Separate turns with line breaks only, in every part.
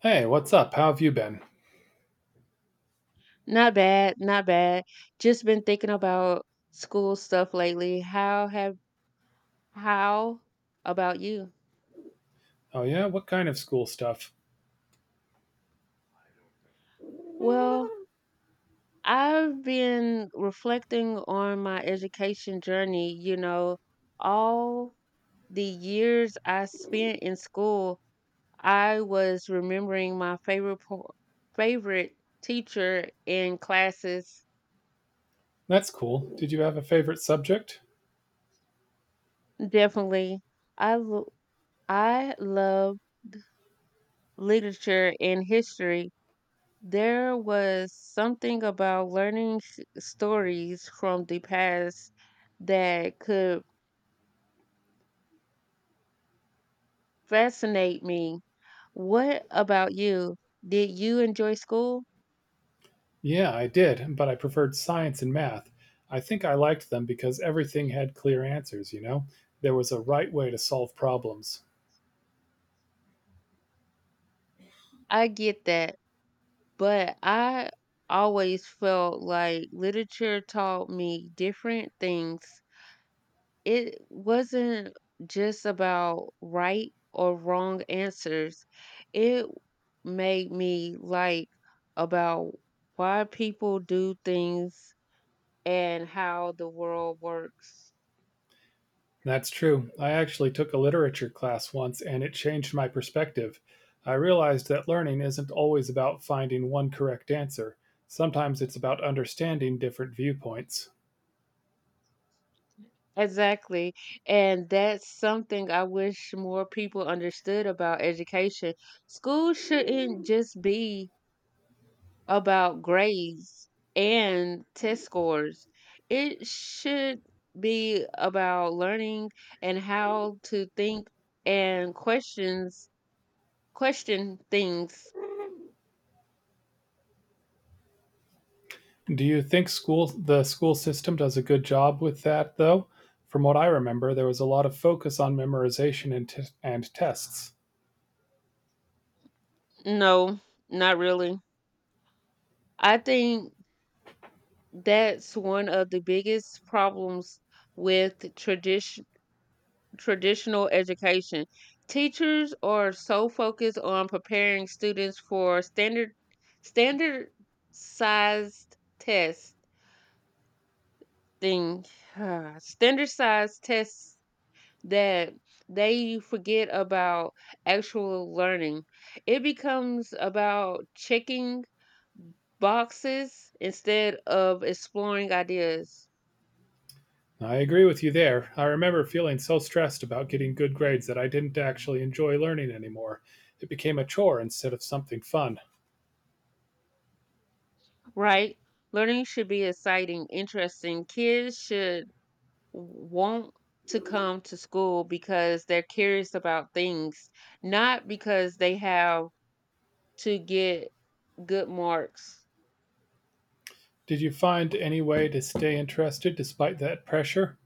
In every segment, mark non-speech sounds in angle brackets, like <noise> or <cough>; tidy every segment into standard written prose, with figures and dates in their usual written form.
Hey, what's up? How have you been?
Not bad, not bad. Just been thinking about school stuff lately. How about you?
Oh, yeah? What kind of school stuff?
Well, I've been reflecting on my education journey, you know, all the years I spent in school, I was remembering my favorite teacher in classes.
That's cool. Did you have a favorite subject?
Definitely. I lo- I love literature and history. There was something about learning stories from the past that could fascinate me. What about you? Did you enjoy school?
Yeah, I did, but I preferred science and math. I think I liked them because everything had clear answers, you know? There was a right way to solve problems.
I get that, but I always felt like literature taught me different things. It wasn't just about right or wrong answers. It made me like about why people do things and how the world works.
That's true. I actually took a literature class once and it changed my perspective. I realized that learning isn't always about finding one correct answer, sometimes it's about understanding different viewpoints.
Exactly. And that's something I wish more people understood about education. School shouldn't just be about grades and test scores. It should be about learning and how to think and question things.
Do you think school the school system does a good job with that though? From what I remember, there was a lot of focus on memorization and tests.
No, not really. I think that's one of the biggest problems with traditional education. Teachers are so focused on preparing students for standard sized tests thing <sighs> standard size tests, that they forget about actual learning. It becomes about checking boxes instead of exploring ideas.
I agree with you there. I remember feeling so stressed about getting good grades that I didn't actually enjoy learning anymore. It became a chore instead of something fun.
Right, learning should be exciting, interesting. Kids should want to come to school because they're curious about things, not because they have to get good marks.
Did you find any way to stay interested despite that pressure?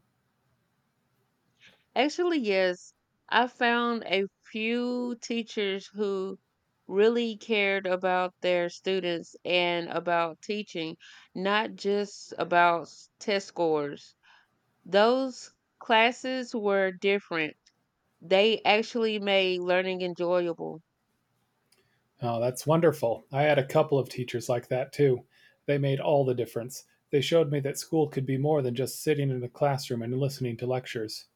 Actually, yes. I found a few teachers who really cared about their students and about teaching, not just about test scores. Those classes were different. They actually made learning enjoyable.
Oh, that's wonderful. I had a couple of teachers like that too. They made all the difference. They showed me that school could be more than just sitting in a classroom and listening to lectures.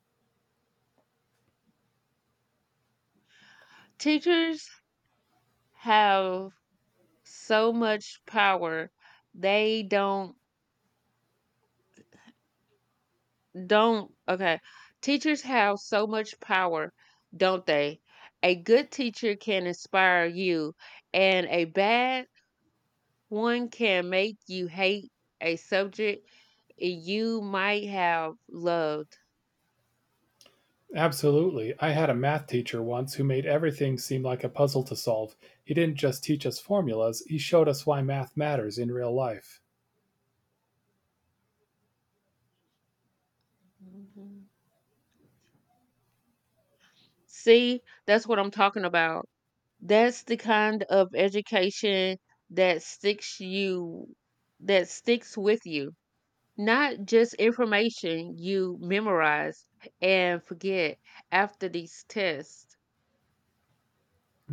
Teachers have so much power. They don't okay. Teachers have so much power, don't they? A good teacher can inspire you, and a bad one can make you hate a subject you might have loved.
Absolutely. I had a math teacher once who made everything seem like a puzzle to solve. He didn't just teach us formulas, he showed us why math matters in real life.
Mhm. See, that's what I'm talking about. That's the kind of education that sticks you that sticks with you. Not just information you memorize and forget after these tests.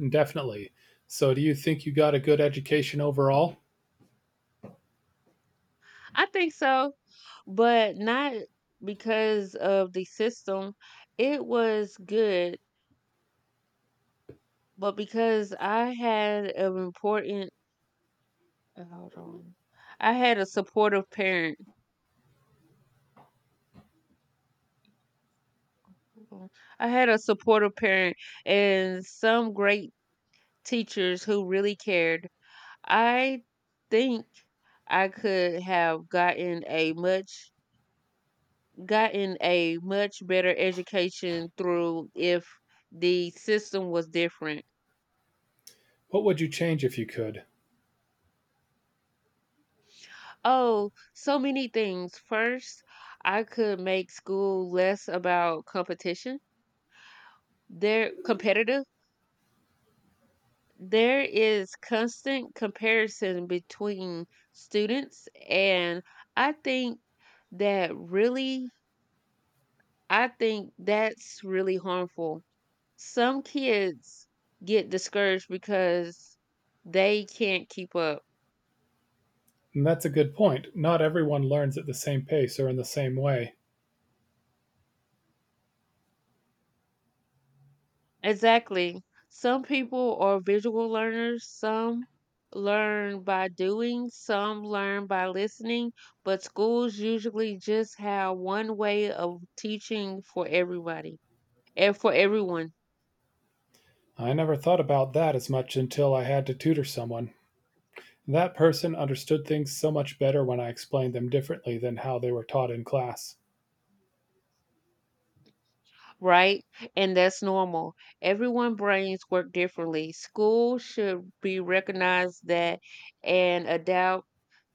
Definitely. So, do you think you got a good education overall?
I think so, but not because of the system. It was good, but because I had an important. Hold on. I had a supportive parent. Hold on. I had a supportive parent and some great teachers who really cared. I think I could have gotten a much better education through if the system was different.
What would you change if you could?
Oh, so many things. First, I could make school less about competition. They're competitive. There is constant comparison between students, and I think that really, I think that's really harmful. Some kids get discouraged because they can't keep up.
And That's a good point. Not everyone learns at the same pace or in the same way.
Exactly. Some people are visual learners, some learn by doing, some learn by listening, but schools usually just have one way of teaching for everyone,
I never thought about that as much until I had to tutor someone. That person understood things so much better when I explained them differently than how they were taught in class.
right? And that's normal. Everyone brains work differently. Schools should be recognized that and adapt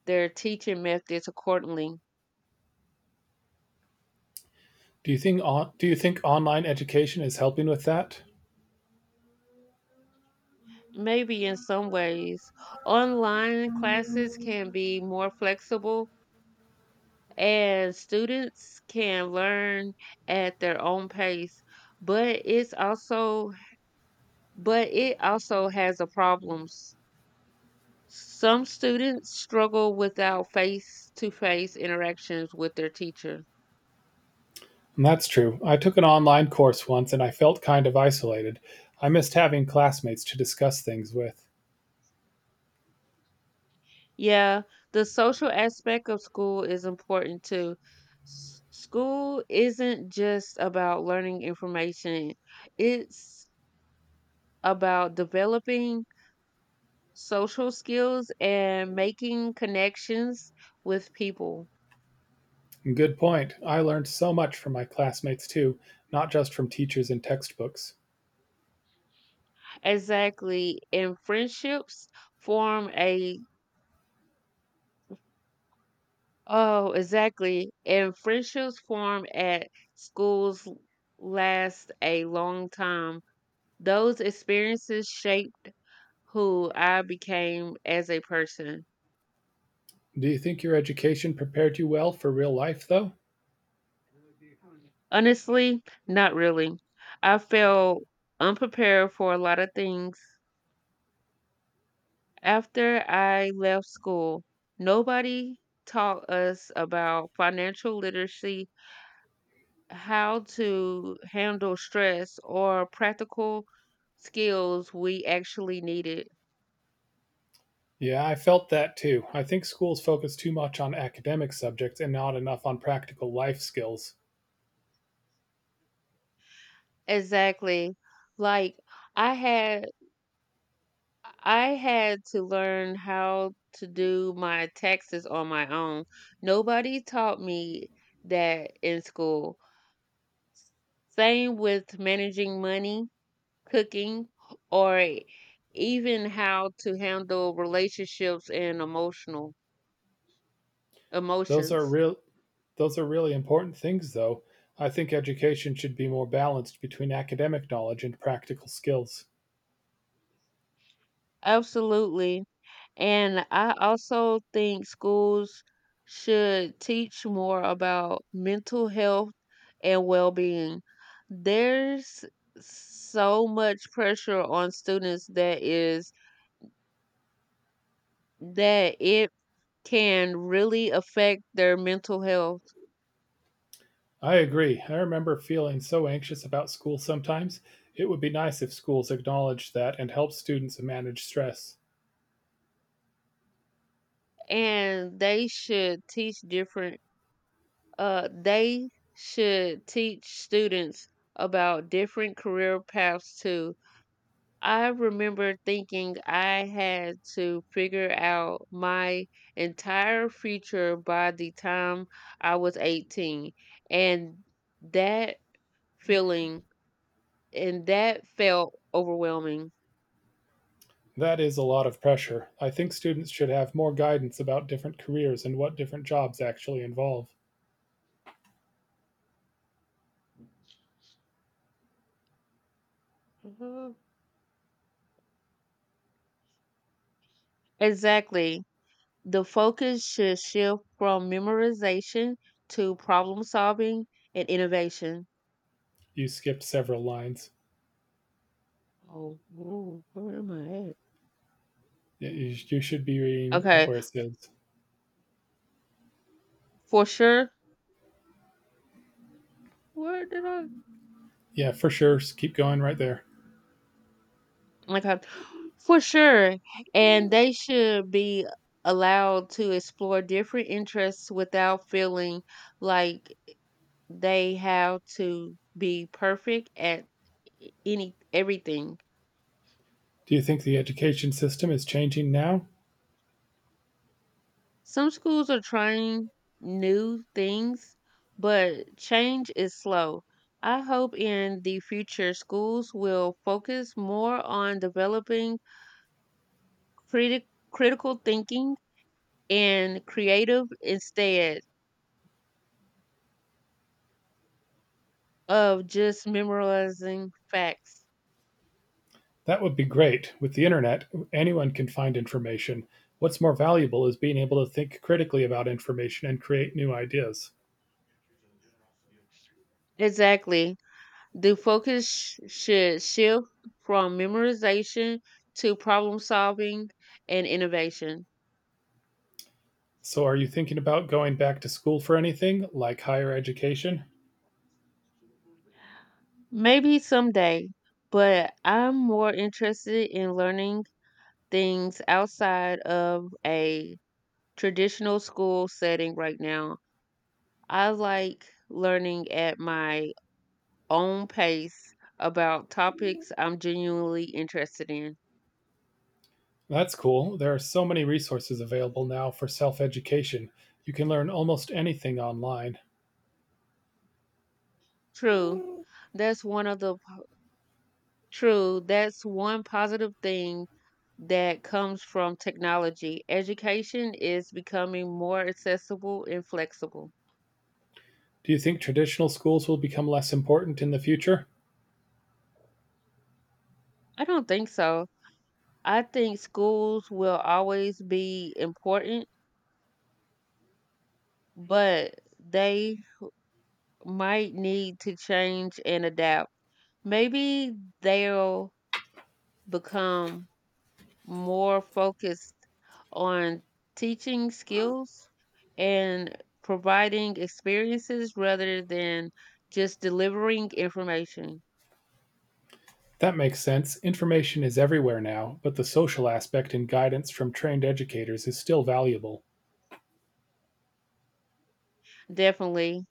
their teaching methods accordingly.
Do you think online education is helping with that?
Maybe in some ways, online classes can be more flexible and students can learn at their own pace, but it's also but it also has a problems. Some students struggle without face-to-face interactions with their teacher.
And That's true. I took an online course once and I felt kind of isolated. I missed having classmates to discuss things with.
Yeah, the social aspect of school is important too. School isn't just about learning information. It's about developing social skills and making connections with people.
Good point. I learned so much from my classmates too, not just from teachers and textbooks.
Exactly. And friendships form a oh, exactly. And friendships form at schools l- last a long time. Those experiences shaped who I became as a person.
Do you think your education prepared you well for real life though?
Honestly, not really. I felt unprepared for a lot of things. After I left school, nobody taught us about financial literacy, how to handle stress, or practical skills we actually needed.
Yeah, I felt that too. I think schools focus too much on academic subjects and not enough on practical life skills.
Exactly. Like I had I had to learn how to do my taxes on my own. Nobody taught me that in school. Same with managing money, cooking, or even how to handle relationships and emotional
Those are
emotions.
real those are really important things though. I think education should be more balanced between academic knowledge and practical skills.
Absolutely. And I also think schools should teach more about mental health and well-being. There's so much pressure on students that it can really affect their mental health.
I agree. I remember feeling so anxious about school sometimes. It would be nice if schools acknowledged that and helped students manage stress.
And they should teach different They should teach students about different career paths too. I remember thinking I had to figure out my entire future by the time I was 18, and that feeling and that felt overwhelming.
That is a lot of pressure. I think students should have more guidance about different careers and what different jobs actually involve.
hmm Exactly. The focus should shift from memorization to problem solving and innovation.
You skipped several lines.
Oh, whoa, where am I at?
You should be reading at
Okay,
where it says,
for sure. Where did I?
yeah, for sure. Keep going right there.
Okay, for sure. And they should be allowed to explore different interests without feeling like they have to be perfect at any everything.
Do you think the education system is changing now?
Some schools are trying new things, but change is slow. I hope in the future schools will focus more on developing critic critical thinking and creative instead of just memorizing facts.
That would be great. With the internet, anyone can find information. What's more valuable is being able to think critically about information and create new ideas.
Exactly. The focus should shift from memorization to problem solving and innovation.
So, are you thinking about going back to school for anything, like higher education?
Maybe someday, but I'm more interested in learning things outside of a traditional school setting right now. I like learning at my own pace about topics I'm genuinely interested in.
That's cool. There are so many resources available now for self education. You can learn almost anything online.
True. That's one of the po- True, that's one positive thing that comes from technology. Education is becoming more accessible and flexible.
Do you think traditional schools will become less important in the future?
I don't think so. I think schools will always be important, but they might need to change and adapt. Maybe they'll become more focused on teaching skills and providing experiences rather than just delivering information.
That makes sense. Information is everywhere now, but the social aspect and guidance from trained educators is still valuable.
Definitely.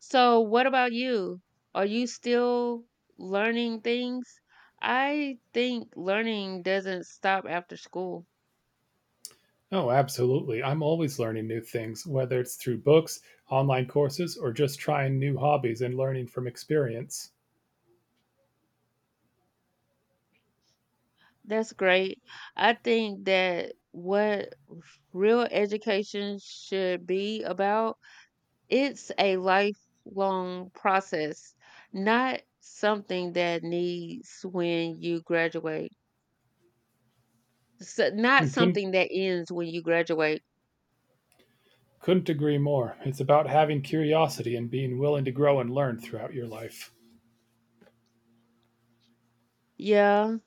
So, what about you? Are you still learning things? I think learning doesn't stop after school.
Oh, absolutely. I'm always learning new things, whether it's through books, online courses, or just trying new hobbies and learning from experience.
That's great. I think that what real education should be about. It's a lifelong process, not something that needs when you graduate. So not
And
something that ends when you graduate.
couldn't agree more. It's about having curiosity and being willing to grow and learn throughout your life.
Yeah.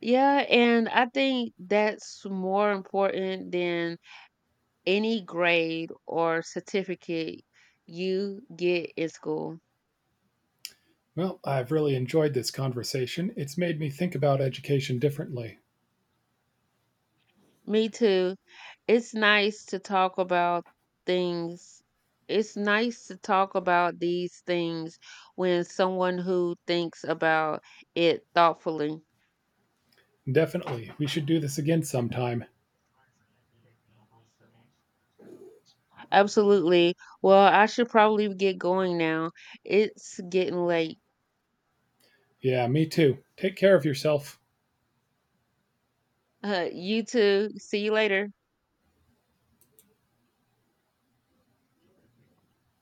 Yeah, and I think that's more important than any grade or certificate you get in school.
Well, I've really enjoyed this conversation. It's made me think about education differently.
Me too. It's nice to talk about things. It's nice to talk about these things when someone who thinks about it thoughtfully.
Definitely. We should do this again sometime.
Absolutely. Well, I should probably get going now. It's getting late.
Yeah, me too. Take care of yourself.
You too. See you later.